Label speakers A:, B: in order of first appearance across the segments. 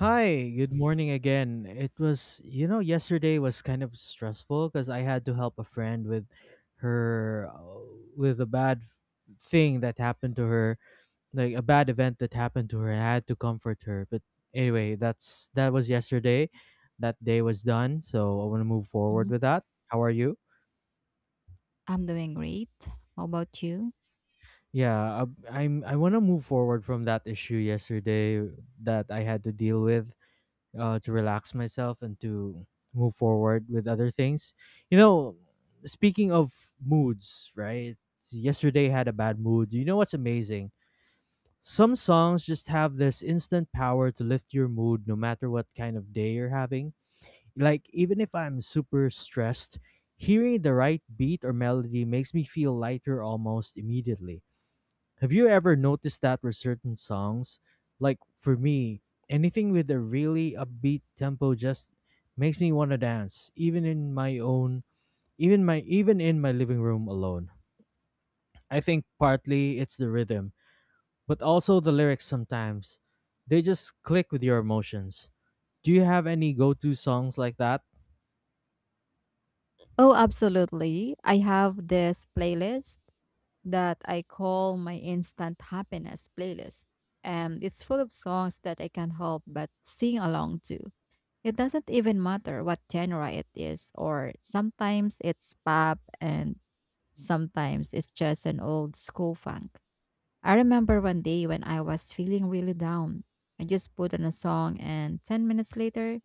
A: Hi, good morning again. It was, you know, yesterday was kind of stressful because I had to help a friend with her, uh, with a thing that happened to her, like a bad event that happened to her, and I had to comfort her. But anyway, that was yesterday. That day was done, so I want to move forward
B: Mhm.
A: with that. How are you?
B: I'm doing great. How about you?
A: Yeah, I want to move forward from that issue yesterday that I had to deal with to relax myself and to move forward with other things. You know, speaking of moods, right? Yesterday had a bad mood. You know what's amazing? Some songs just have this instant power to lift your mood no matter what kind of day you're having. Like, even if I'm super stressed, hearing the right beat or melody makes me feel lighter almost immediately. Have you ever noticed that with certain songs? Like for me, anything with a really upbeat tempo just makes me want to dance, even in my living room alone. I think partly it's the rhythm, but also the lyrics sometimes. They just click with your emotions. Do you have any go-to songs like that?
B: Oh, absolutely. I have this playlist that I call my instant happiness playlist. And it's full of songs that I can't help but sing along to. It doesn't even matter what genre it is, or sometimes it's pop and sometimes it's just an old school funk. I remember one day when I was feeling really down. I just put on a song, and 10 minutes later,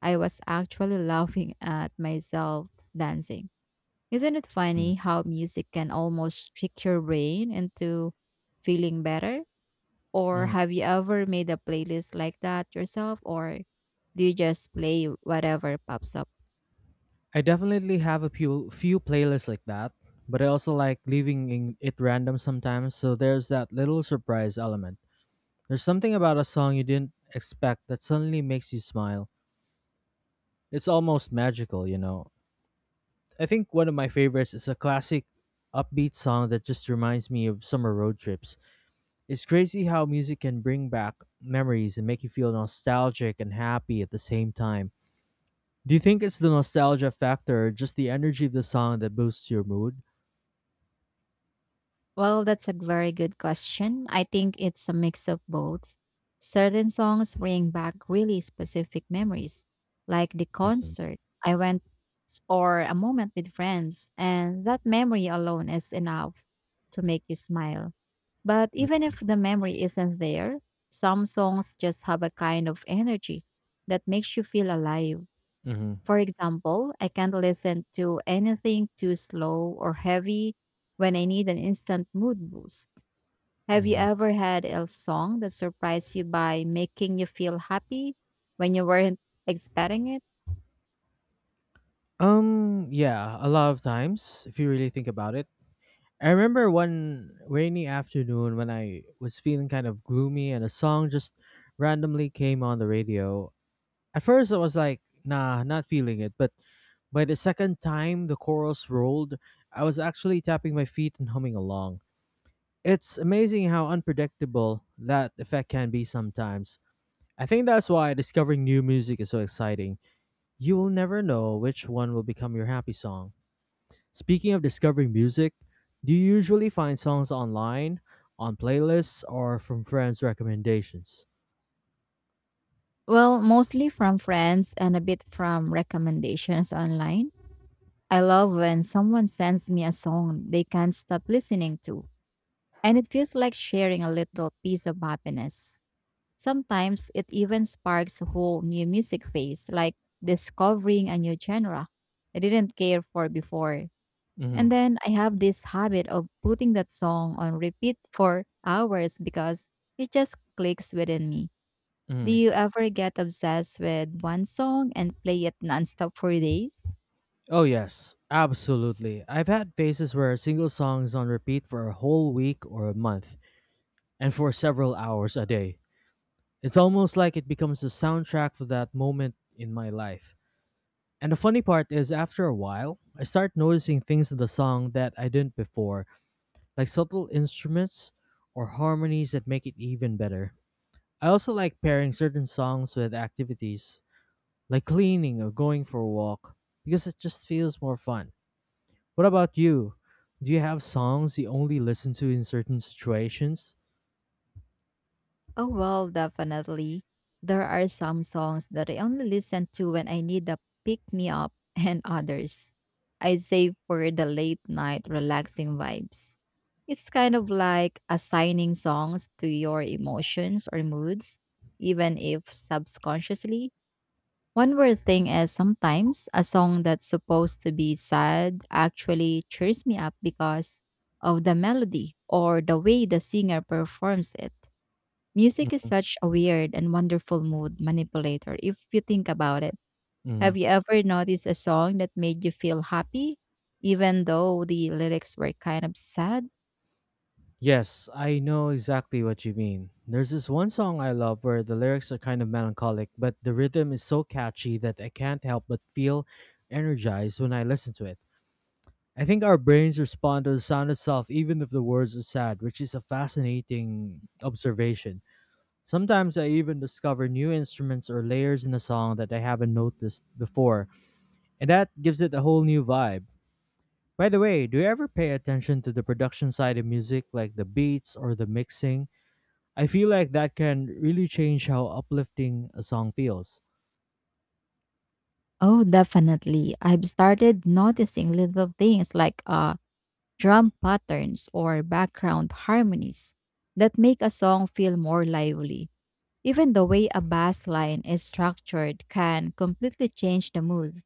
B: I was actually laughing at myself dancing. Isn't it
A: Mm,
B: funny how music can almost trick your brain into feeling better? Or
A: mm.
B: have you ever made a playlist like that yourself? Or do you just play whatever pops up?
A: I definitely have a few playlists like that, but I also like leaving it random sometimes, so there's that little surprise element. There's something about a song you didn't expect that suddenly makes you smile. It's almost magical, you know. I think one of my favorites is a classic upbeat song that just reminds me of summer road trips. It's crazy how music can bring back memories and make you feel nostalgic and happy at the same time. Do you think it's the nostalgia factor or just the energy of the song that boosts your mood?
B: Well, that's a very good question. I think it's a mix of both. Certain songs bring back really specific memories, like the
A: Mm-hmm.
B: concert I went or a moment with friends, and that memory alone is enough to make you smile. But even if the memory isn't there, some songs just have a kind of energy that makes you feel alive.
A: Mm-hmm.
B: For example, I can't listen to anything too slow or heavy when I need an instant mood boost. Have you ever had a song that surprised you by making you feel happy when you weren't expecting it?
A: Yeah, a lot of times, if you really think about it. I remember one rainy afternoon when I was feeling kind of gloomy and a song just randomly came on the radio. At first, I was like, nah, not feeling it. But by the second time the chorus rolled, I was actually tapping my feet and humming along. It's amazing how unpredictable that effect can be sometimes. I think that's why discovering new music is so exciting. You will never know which one will become your happy song. Speaking of discovering music, do you usually find songs online, on playlists, or from friends' recommendations?
B: Well, mostly from friends and a bit from recommendations online. I love when someone sends me a song they can't stop listening to, and it feels like sharing a little piece of happiness. Sometimes it even sparks a whole new music phase, like discovering a new genre I didn't care for before. And
A: Hmm.
B: then I have this habit of putting that song on repeat for hours because it just clicks within me. Do
A: Hmm.
B: you ever get obsessed with one song and play it nonstop for days?
A: Oh, yes, absolutely. I've had phases where a single song is on repeat for a whole week or a month, and for several hours a day. It's almost like it becomes the soundtrack for that moment in my life. And the funny part is, after a while, I start noticing things in the song that I didn't before, like subtle instruments or harmonies that make it even better. I also like pairing certain songs with activities, like cleaning or going for a walk, because it just feels more fun. What about you? Do you have songs you only listen to in certain situations?
B: Oh, well, definitely. There are some songs that I only listen to when I need a pick me up, and others I save for the late night relaxing vibes. It's kind of like assigning songs to your emotions or moods, even if subconsciously. One weird thing is sometimes a song that's supposed to be sad actually cheers me up because of the melody or the way the singer performs it. Music is such a weird and wonderful mood manipulator if you think about it.
A: Mm.
B: Have you ever noticed a song that made you feel happy, even though the lyrics were kind of sad?
A: Yes, I know exactly what you mean. There's this one song I love where the lyrics are kind of melancholic, but the rhythm is so catchy that I can't help but feel energized when I listen to it. I think our brains respond to the sound itself, even if the words are sad, which is a fascinating observation. Sometimes I even discover new instruments or layers in a song that I haven't noticed before, and that gives it a whole new vibe. By the way, do you ever pay attention to the production side of music, like the beats or the mixing? I feel like that can really change how uplifting a song feels.
B: Oh, definitely. I've started noticing little things like drum patterns or background harmonies that make a song feel more lively. Even the way a bass line is structured can completely change the mood.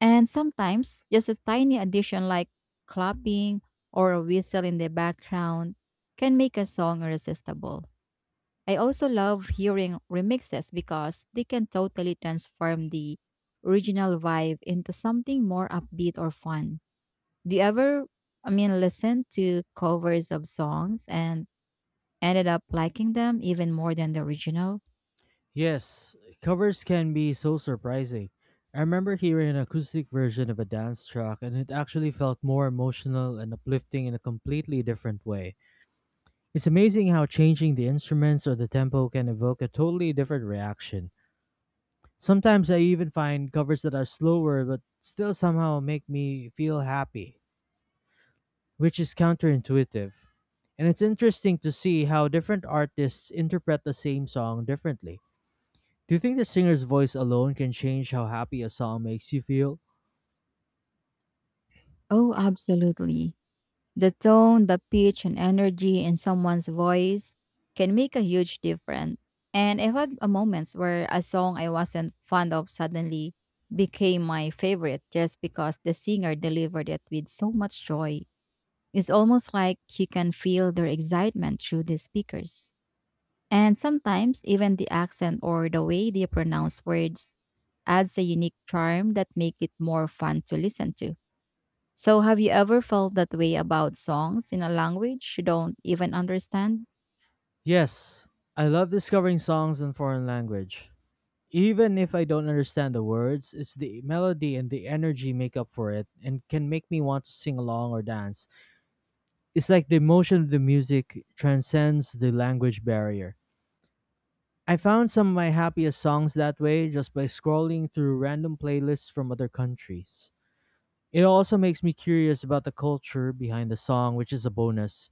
B: And sometimes, just a tiny addition like clapping or a whistle in the background can make a song irresistible. I also love hearing remixes because they can totally transform the original vibe into something more upbeat or fun. Do you ever, listen to covers of songs and ended up liking them even more than the original?
A: Yes, covers can be so surprising. I remember hearing an acoustic version of a dance track, and it actually felt more emotional and uplifting in a completely different way. It's amazing how changing the instruments or the tempo can evoke a totally different reaction. Sometimes I even find covers that are slower but still somehow make me feel happy, which is counterintuitive. And it's interesting to see how different artists interpret the same song differently. Do you think the singer's voice alone can change how happy a song makes you feel?
B: Oh, absolutely. The tone, the pitch, and energy in someone's voice can make a huge difference. And I've had a moments where a song I wasn't fond of suddenly became my favorite just because the singer delivered it with so much joy. It's almost like you can feel their excitement through the speakers. And sometimes even the accent or the way they pronounce words adds a unique charm that make it more fun to listen to. So, have you ever felt that way about songs in a language you don't even understand?
A: Yes, I love discovering songs in foreign language. Even if I don't understand the words, it's the melody and the energy make up for it and can make me want to sing along or dance. It's like the emotion of the music transcends the language barrier. I found some of my happiest songs that way just by scrolling through random playlists from other countries. It also makes me curious about the culture behind the song, which is a bonus.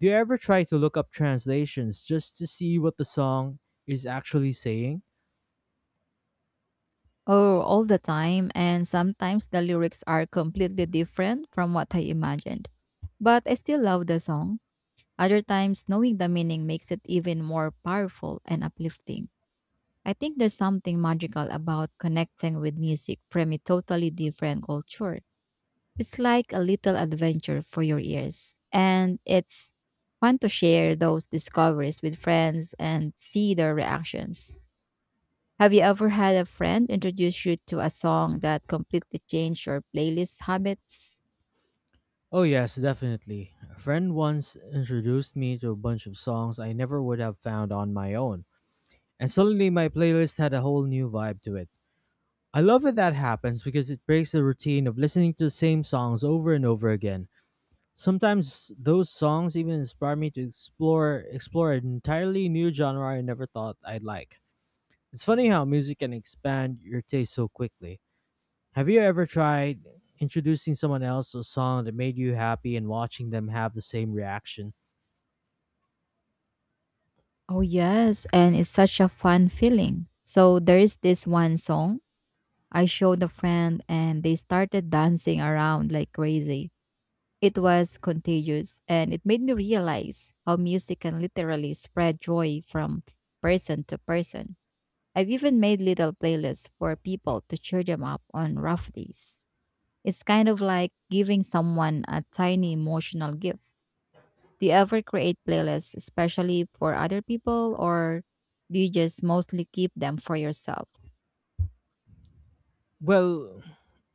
A: Do you ever try to look up translations just to see what the song is actually saying?
B: Oh, all the time, and sometimes the lyrics are completely different from what I imagined. But I still love the song. Other times, knowing the meaning makes it even more powerful and uplifting. I think there's something magical about connecting with music from a totally different culture. It's like a little adventure for your ears. And it's fun to share those discoveries with friends and see their reactions. Have you ever had a friend introduce you to a song that completely changed your playlist habits?
A: Oh, yes, definitely. A friend once introduced me to a bunch of songs I never would have found on my own, and suddenly my playlist had a whole new vibe to it. I love when that happens because it breaks the routine of listening to the same songs over and over again. Sometimes those songs even inspire me to explore an entirely new genre I never thought I'd like. It's funny how music can expand your taste so quickly. Have you ever tried introducing someone else to a song that made you happy and watching them have the same reaction?
B: Oh, yes. And it's such a fun feeling. So there is this one song I showed a friend, and they started dancing around like crazy. It was contagious and it made me realize how music can literally spread joy from person to person. I've even made little playlists for people to cheer them up on rough days. It's kind of like giving someone a tiny emotional gift. Do you ever create playlists especially for other people or do you just mostly keep them for yourself?
A: Well,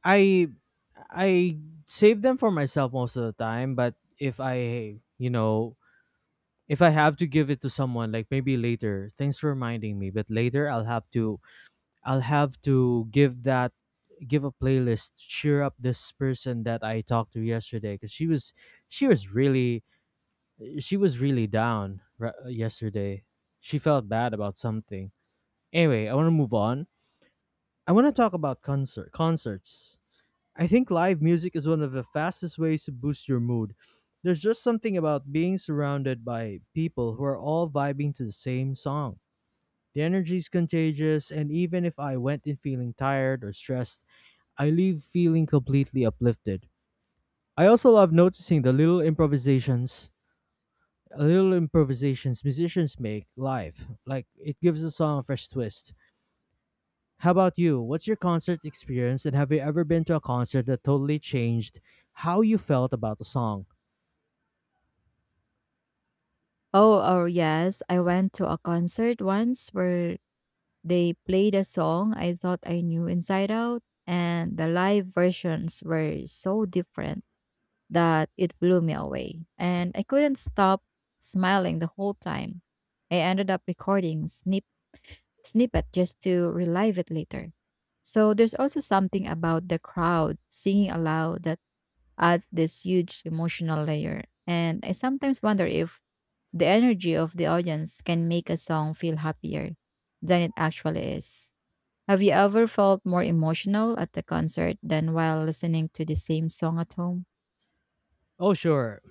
A: I I save them for myself most of the time, but if I, you know, if I have to give it to someone like maybe later, thanks for reminding me, but later I'll have to give a playlist to cheer up this person that I talked to yesterday cuz she was really she was really yesterday. She felt bad about something. Anyway, I want to move on. I want to talk about concerts. I think live music is one of the fastest ways to boost your mood. There's just something about being surrounded by people who are all vibing to the same song. The energy is contagious, and even if I went in feeling tired or stressed, I leave feeling completely uplifted. I also love noticing the little improvisations musicians make live. Like it gives a song a fresh twist. How about you? What's your concert experience and have you ever been to a concert that totally changed how you felt about the song?
B: Oh, oh yes, I went to a concert once where they played a song I thought I knew inside out, and the live versions were so different that it blew me away. And I couldn't stop smiling the whole time. I ended up recording snippet just to relive it later. So there's also something about the crowd singing aloud that adds this huge emotional layer. And I sometimes wonder if the energy of the audience can make a song feel happier than it actually is. Have you ever felt more emotional at the concert than while listening to the same song at home?
A: Oh sure.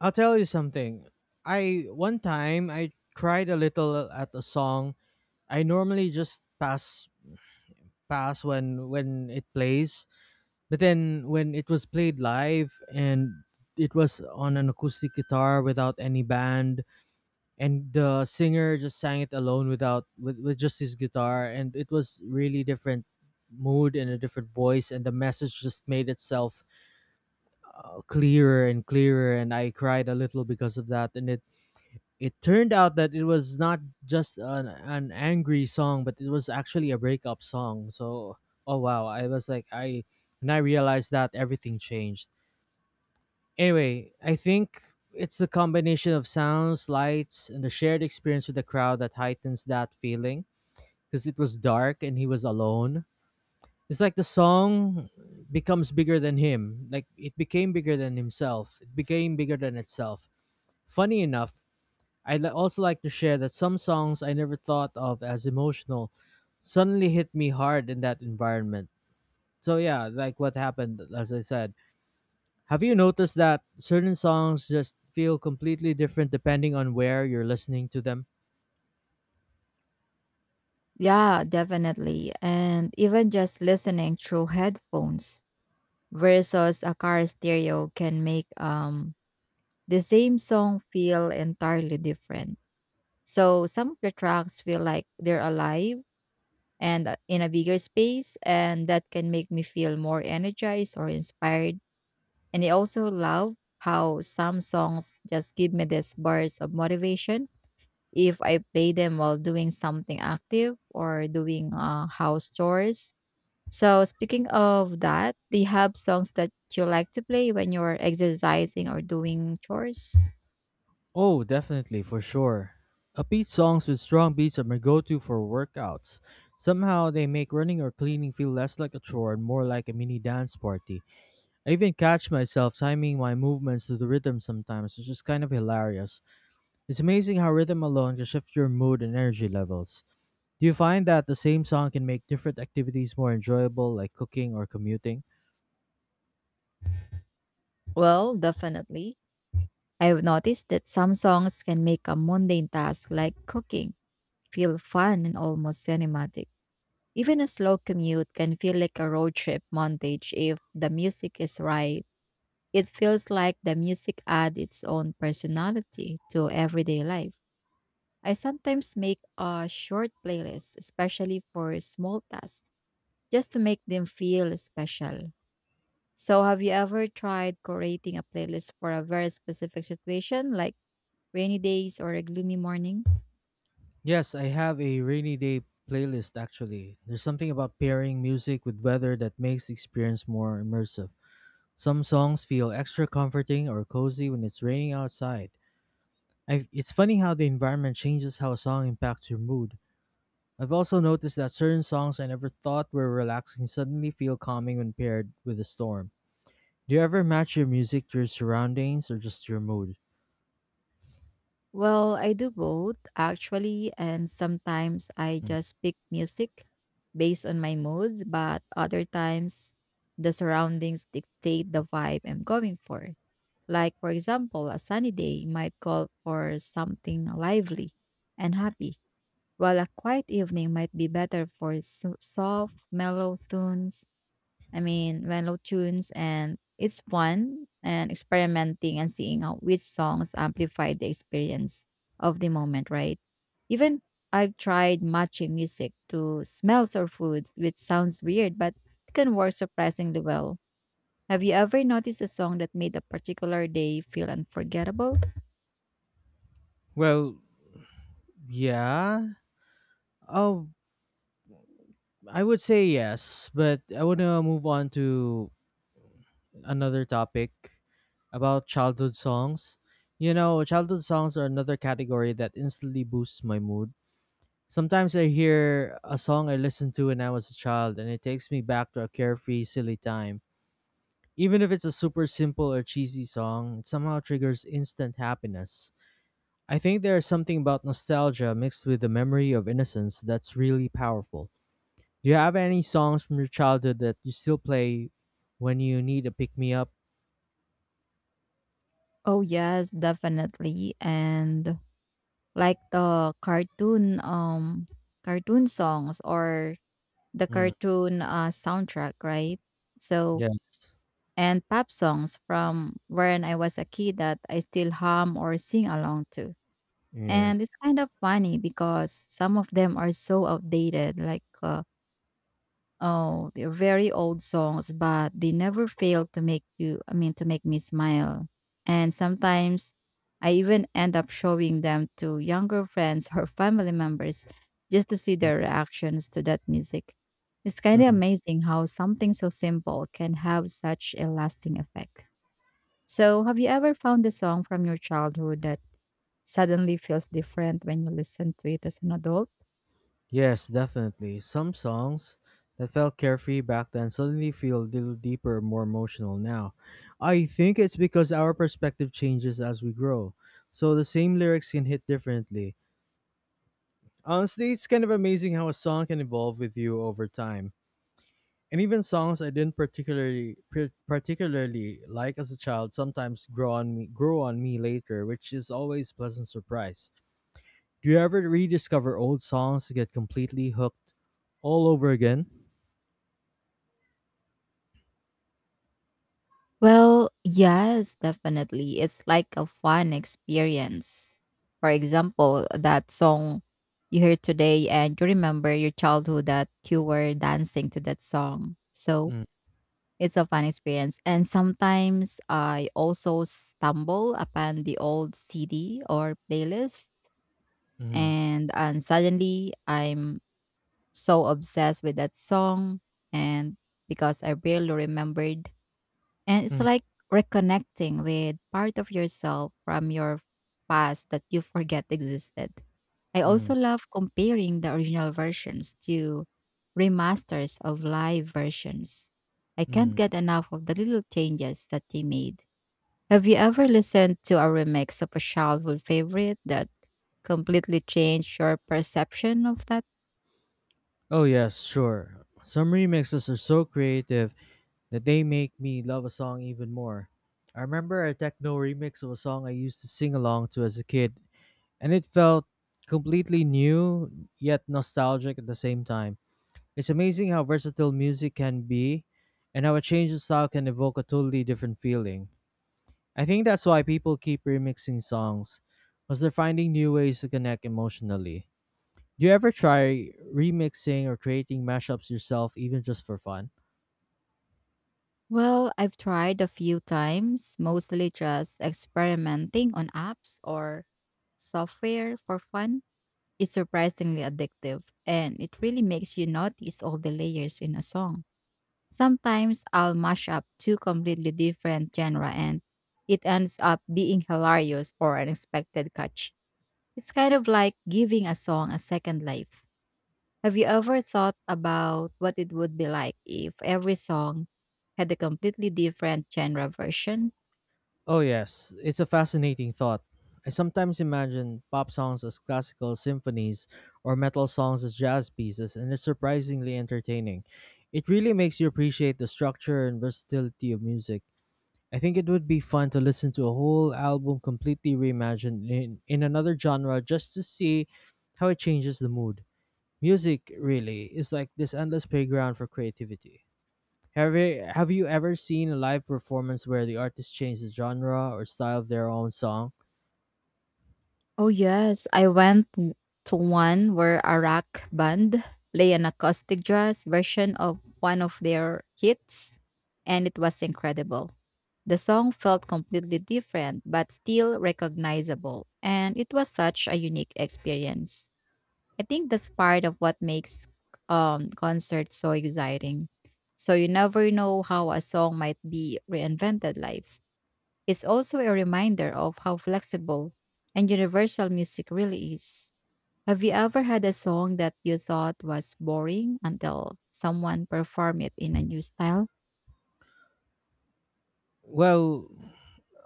A: I'll tell you something. I One time I cried a little at a song. I normally just pass when it plays. But then when it was played live and it was on an acoustic guitar without any band and the singer just sang it alone without with just his guitar and it was really different mood and a different voice and the message just made itself clearer and clearer and I cried a little because of that and it turned out that it was not just an angry song but it was actually a breakup song so oh wow I was like I when I realized that everything changed. Anyway, I think it's the combination of sounds, lights, and the shared experience with the crowd that heightens that feeling because it was dark and he was alone. It's like the song becomes bigger than him. Like it became bigger than himself. It became bigger than itself. Funny enough, also like to share that some songs I never thought of as emotional suddenly hit me hard in that environment. So yeah, like what happened as I said, have you noticed that certain songs just feel completely different depending on where you're listening to them?
B: Yeah, definitely. And even just listening through headphones versus a car stereo can make the same song feel entirely different. So some of the tracks feel like they're alive and in a bigger space, and that can make me feel more energized or inspired. And I also love how some songs just give me these bursts of motivation if I play them while doing something active or doing house chores. So, speaking of that, do you have songs that you like to play when you're exercising or doing chores?
A: Oh, definitely, for sure. Upbeat songs with strong beats are my go to for workouts. Somehow they make running or cleaning feel less like a chore and more like a mini dance party. I even catch myself timing my movements to the rhythm sometimes, which is kind of hilarious. It's amazing how rhythm alone can shift your mood and energy levels. Do you find that the same song can make different activities more enjoyable, like cooking or commuting?
B: Well, definitely. I've noticed that some songs can make a mundane task like cooking feel fun and almost cinematic. Even a slow commute can feel like a road trip montage if the music is right. It feels like the music adds its own personality to everyday life. I sometimes make a short playlist, especially for small tasks, just to make them feel special. So, have you ever tried creating a playlist for a very specific situation, like rainy days or a gloomy morning?
A: Yes, I have a rainy day playlist actually. There's something about pairing music with weather that makes the experience more immersive. Some songs feel extra comforting or cozy when it's raining outside. I It's funny how the environment changes how a song impacts your mood. I've also noticed that certain songs I never thought were relaxing suddenly feel calming when paired with a storm. Do you ever match your music to your surroundings or just your mood?
B: Well, I do both actually, and sometimes I just pick music based on my mood, but other times the surroundings dictate the vibe I'm going for. Like, for example, a sunny day might call for something lively and happy, while a quiet evening might be better for soft, mellow tunes. I mean, mellow tunes, and it's fun and experimenting and seeing how which songs amplify the experience of the moment, right? Even I've tried matching music to smells or foods, which sounds weird, but it can work surprisingly well. Have you ever noticed a song that made a particular day feel unforgettable?
A: Well, yeah. Oh, I would say yes, but I want to move on to another topic about childhood songs. You know, childhood songs are another category that instantly boosts my mood. Sometimes I hear a song I listened to when I was a child and it takes me back to a carefree, silly time. Even if it's a super simple or cheesy song, it somehow triggers instant happiness. I think there is something about nostalgia mixed with the memory of innocence that's really powerful. Do you have any songs from your childhood that you still play when you need a pick me up?
B: Oh yes, definitely. And like the cartoon cartoon songs, or the
A: Mm,
B: cartoon soundtrack, right? So,
A: yes.
B: and pop songs from when I was a kid that I still hum or sing along to.
A: Yeah.
B: And it's kind of funny because some of them are so outdated, like oh, they're very old songs, but they never fail to make you, to make me smile. And sometimes I even end up showing them to younger friends or family members just to see
A: Mm,
B: their reactions to that music. It's kind of
A: mm.
B: amazing how something so simple can have such a lasting effect. So, have you ever found a song from your childhood that suddenly feels different when you listen to it as an adult?
A: Yes, definitely. Some songs that felt carefree back then suddenly feel a little deeper, more emotional now. I think it's because our perspective changes as we grow, so the same lyrics can hit differently. Honestly, it's kind of amazing how a song can evolve with you over time. And even songs I didn't particularly like as a child sometimes grow on me later, which is always a pleasant surprise. Do you ever rediscover old songs to get completely hooked all over again?
B: Well, yes, definitely. It's like a fun experience. For example, that song you heard today and you remember your childhood that you were dancing to that song. So
A: Mm,
B: it's a fun experience. And sometimes I also stumble upon the old CD or playlist,
A: mm,
B: and suddenly I'm so obsessed with that song, and because I barely remembered, and it's
A: mm,
B: like reconnecting with part of yourself from your past that you forget existed. I
A: mm,
B: also love comparing the original versions to remasters of live versions. I can't
A: mm.
B: get enough of the little changes that they made. Have you ever listened to a remix of a childhood favorite that completely changed your perception of that?
A: Oh yes, sure. Some remixes are so creative that they make me love a song even more. I remember a techno remix of a song I used to sing along to as a kid and it felt completely new yet nostalgic at the same time. It's amazing how versatile music can be and how a change of style can evoke a totally different feeling. I think that's why people keep remixing songs, because they're finding new ways to connect emotionally. Do you ever try remixing or creating mashups yourself, even just for fun?
B: Well, I've tried a few times, mostly just experimenting on apps or software for fun. It's surprisingly addictive, and it really makes you notice all the layers in a song. Sometimes I'll mash up two completely different genres, and it ends up being hilarious or unexpected catch. It's kind of like giving a song a second life. Have you ever thought about what it would be like if every song had a completely different genre version?
A: Oh, yes, it's a fascinating thought. I sometimes imagine pop songs as classical symphonies or metal songs as jazz pieces, and it's surprisingly entertaining. It really makes you appreciate the structure and versatility of music. I think it would be fun to listen to a whole album completely reimagined in another genre just to see how it changes the mood. Music, really, is like this endless playground for creativity. Have you ever seen a live performance where the artist changed the genre or style of their own song?
B: Oh, yes. I went to one where a rock band played an acoustic jazz version of one of their hits, and it was incredible. The song felt completely different, but still recognizable, and it was such a unique experience. I think that's part of what makes concerts so exciting. So you never know how a song might be reinvented live. It's also a reminder of how flexible and universal music really is. Have you ever had a song that you thought was boring until someone performed it in a new style?
A: Well,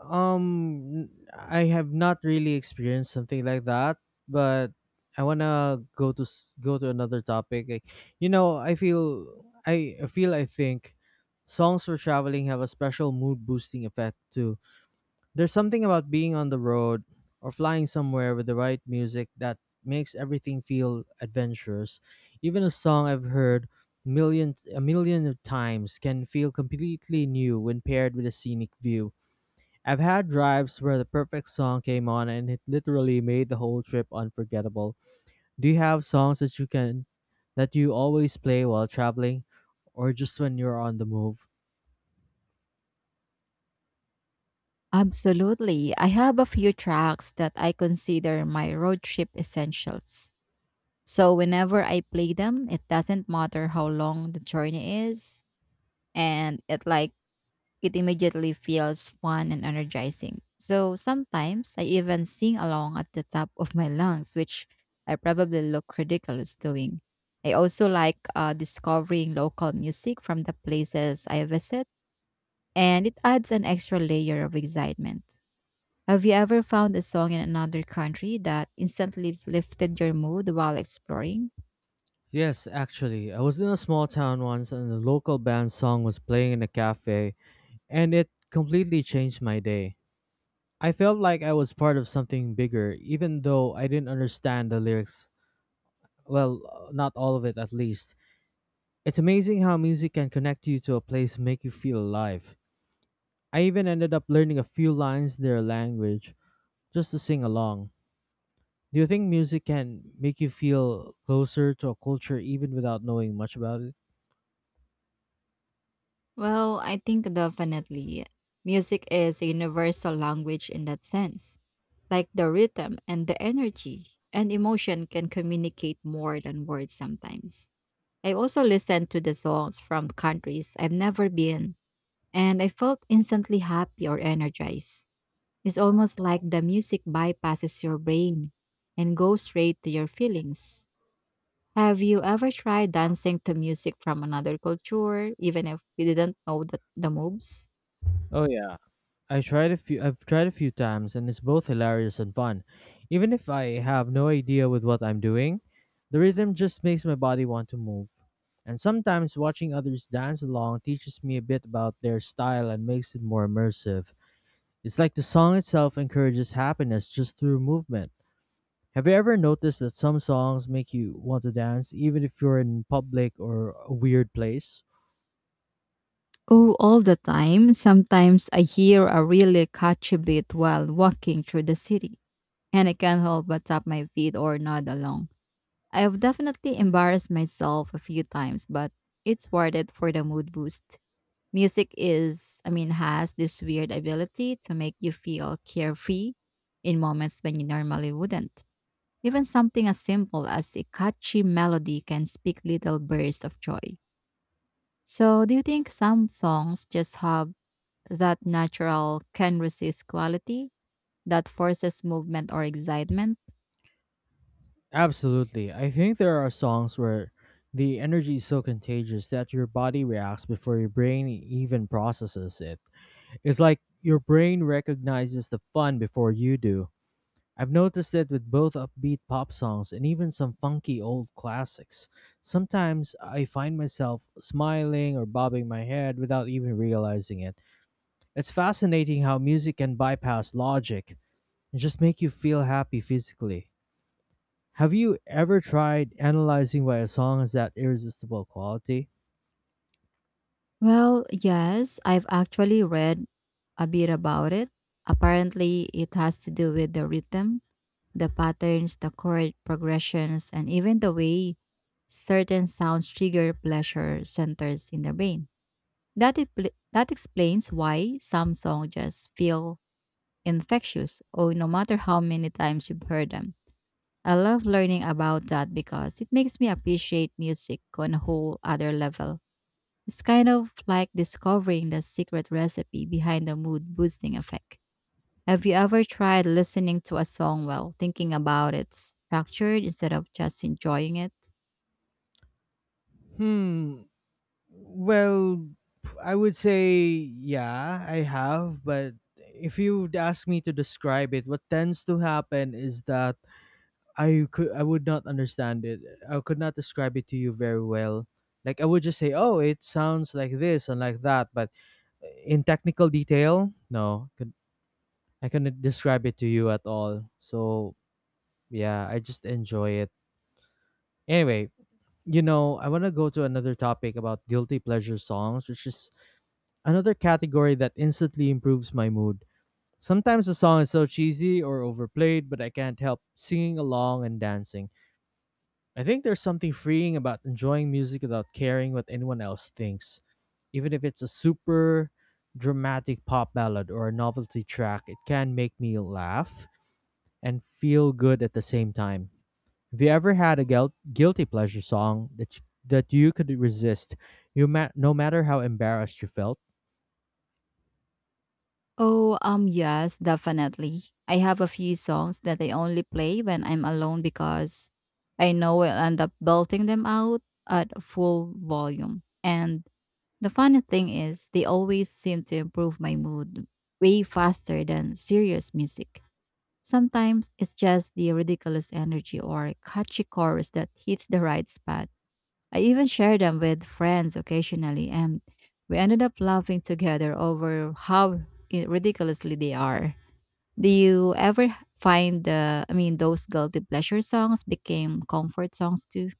A: I have not really experienced something like that, but I wanna go to another topic. Like, you know, I feel I think songs for traveling have a special mood boosting effect too. There's something about being on the road or flying somewhere with the right music that makes everything feel adventurous. Even a song I've heard million of times can feel completely new when paired with a scenic view. I've had drives where the perfect song came on and it literally made the whole trip unforgettable. Do you have songs that you can that you always play while traveling or just when you're on the move?
B: Absolutely. I have a few tracks that I consider my road trip essentials. So whenever I play them, it doesn't matter how long the journey is, and it immediately feels fun and energizing. So sometimes I even sing along at the top of my lungs, which I probably look ridiculous doing. I also like discovering local music from the places I visit, and it adds an extra layer of excitement. Have you ever found a song in another country that instantly lifted your mood while exploring?
A: Yes, actually, I was in a small town once and the local band song was playing in a cafe, and it completely changed my day. I felt like I was part of something bigger, even though I didn't understand the lyrics. Well, not all of it at least. It's amazing how music can connect you to a place and make you feel alive. I even ended up learning a few lines in their language just to sing along. Do you think music can make you feel closer to a culture even without knowing much about it?
B: Well, I think definitely. Music is a universal language in that sense. Like the rhythm and the energy and emotion can communicate more than words sometimes. I also listened to the songs from countries I've never been, and I felt instantly happy or energized. It's almost like the music bypasses your brain and goes straight to your feelings. Have you ever tried dancing to music from another culture, even if we didn't know the moves?
A: Oh, yeah. I've tried a few times and it's both hilarious and fun. Even if I have no idea with what I'm doing, the rhythm just makes my body want to move. And sometimes watching others dance along teaches me a bit about their style and makes it more immersive. It's like the song itself encourages happiness just through movement. Have you ever noticed that some songs make you want to dance even if you're in public or a weird place?
B: Oh, all the time. Sometimes I hear a really catchy beat while walking through the city, and I can't help but tap my feet or nod along. I have definitely embarrassed myself a few times, but it's worth it for the mood boost. Music is, I mean, has this weird ability to make you feel carefree in moments when you normally wouldn't. Even something as simple as a catchy melody can speak little bursts of joy. So, do you think some songs just have that natural can resist quality that forces movement or excitement?
A: Absolutely. I think there are songs where the energy is so contagious that your body reacts before your brain even processes it. It's like your brain recognizes the fun before you do. I've noticed it with both upbeat pop songs and even some funky old classics. Sometimes I find myself smiling or bobbing my head without even realizing it. It's fascinating how music can bypass logic and just make you feel happy physically. Have you ever tried analyzing why a song has that irresistible quality?
B: Well, yes, I've actually read a bit about it. Apparently, it has to do with the rhythm, the patterns, the chord progressions, and even the way certain sounds trigger pleasure centers in the brain. That explains why some songs just feel infectious, or no matter how many times you've heard them. I love learning about that because it makes me appreciate music on a whole other level. It's kind of like discovering the secret recipe behind the mood boosting effect. Have you ever tried listening to a song while thinking about its structure instead of just enjoying it?
A: Hmm. Well, I would say yeah, I have, but if you'd ask me to describe it, what tends to happen is that I would not understand it. I could not describe it to you very well. Like I would just say, "Oh, it sounds like this and like that," but in technical detail, no, I couldn't describe it to you at all. So, yeah, I just enjoy it. Anyway, you know, I want to go to another topic about guilty pleasure songs, which is another category that instantly improves my mood. Sometimes a song is so cheesy or overplayed, but I can't help singing along and dancing. I think there's something freeing about enjoying music without caring what anyone else thinks. Even if it's a super dramatic pop ballad or a novelty track, it can make me laugh and feel good at the same time. Have you ever had a guilty pleasure song that you could resist, no matter how embarrassed you felt?
B: Oh, yes, definitely. I have a few songs that I only play when I'm alone because I know I'll end up belting them out at full volume. And the funny thing is, they always seem to improve my mood way faster than serious music. Sometimes it's just the ridiculous energy or catchy chorus that hits the right spot. I even share them with friends occasionally, and we ended up laughing together over how ridiculously they are. Do you ever h- Find I mean, those guilty pleasure songs became comfort songs too?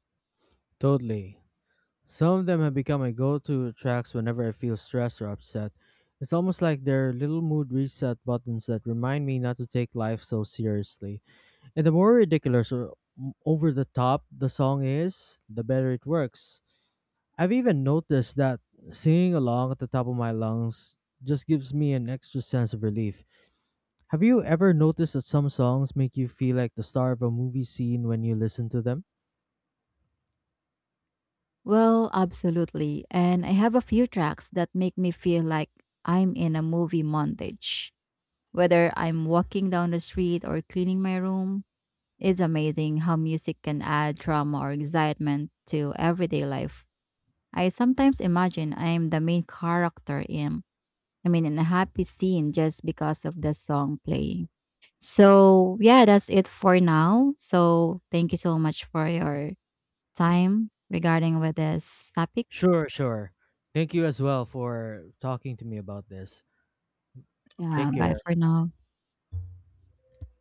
A: Totally. Some of them have become my go to tracks whenever I feel stressed or upset. It's almost like they're little mood reset buttons that remind me not to take life so seriously. And the more ridiculous or over the top the song is, the better it works. I've even noticed that singing along at the top of my lungs just gives me an extra sense of relief. Have you ever noticed that some songs make you feel like the star of a movie scene when you listen to them?
B: Well, absolutely. And I have a few tracks that make me feel like I'm in a movie montage. Whether I'm walking down the street or cleaning my room, it's amazing how music can add drama or excitement to everyday life. I sometimes imagine I am the main character in, I mean, in a happy scene just because of the song playing. So yeah, that's it for now. So thank you so much for your time regarding with this topic.
A: Sure, sure. Thank you as well for talking to me about this.
B: Yeah,
A: Take
B: bye
A: care.
B: for now.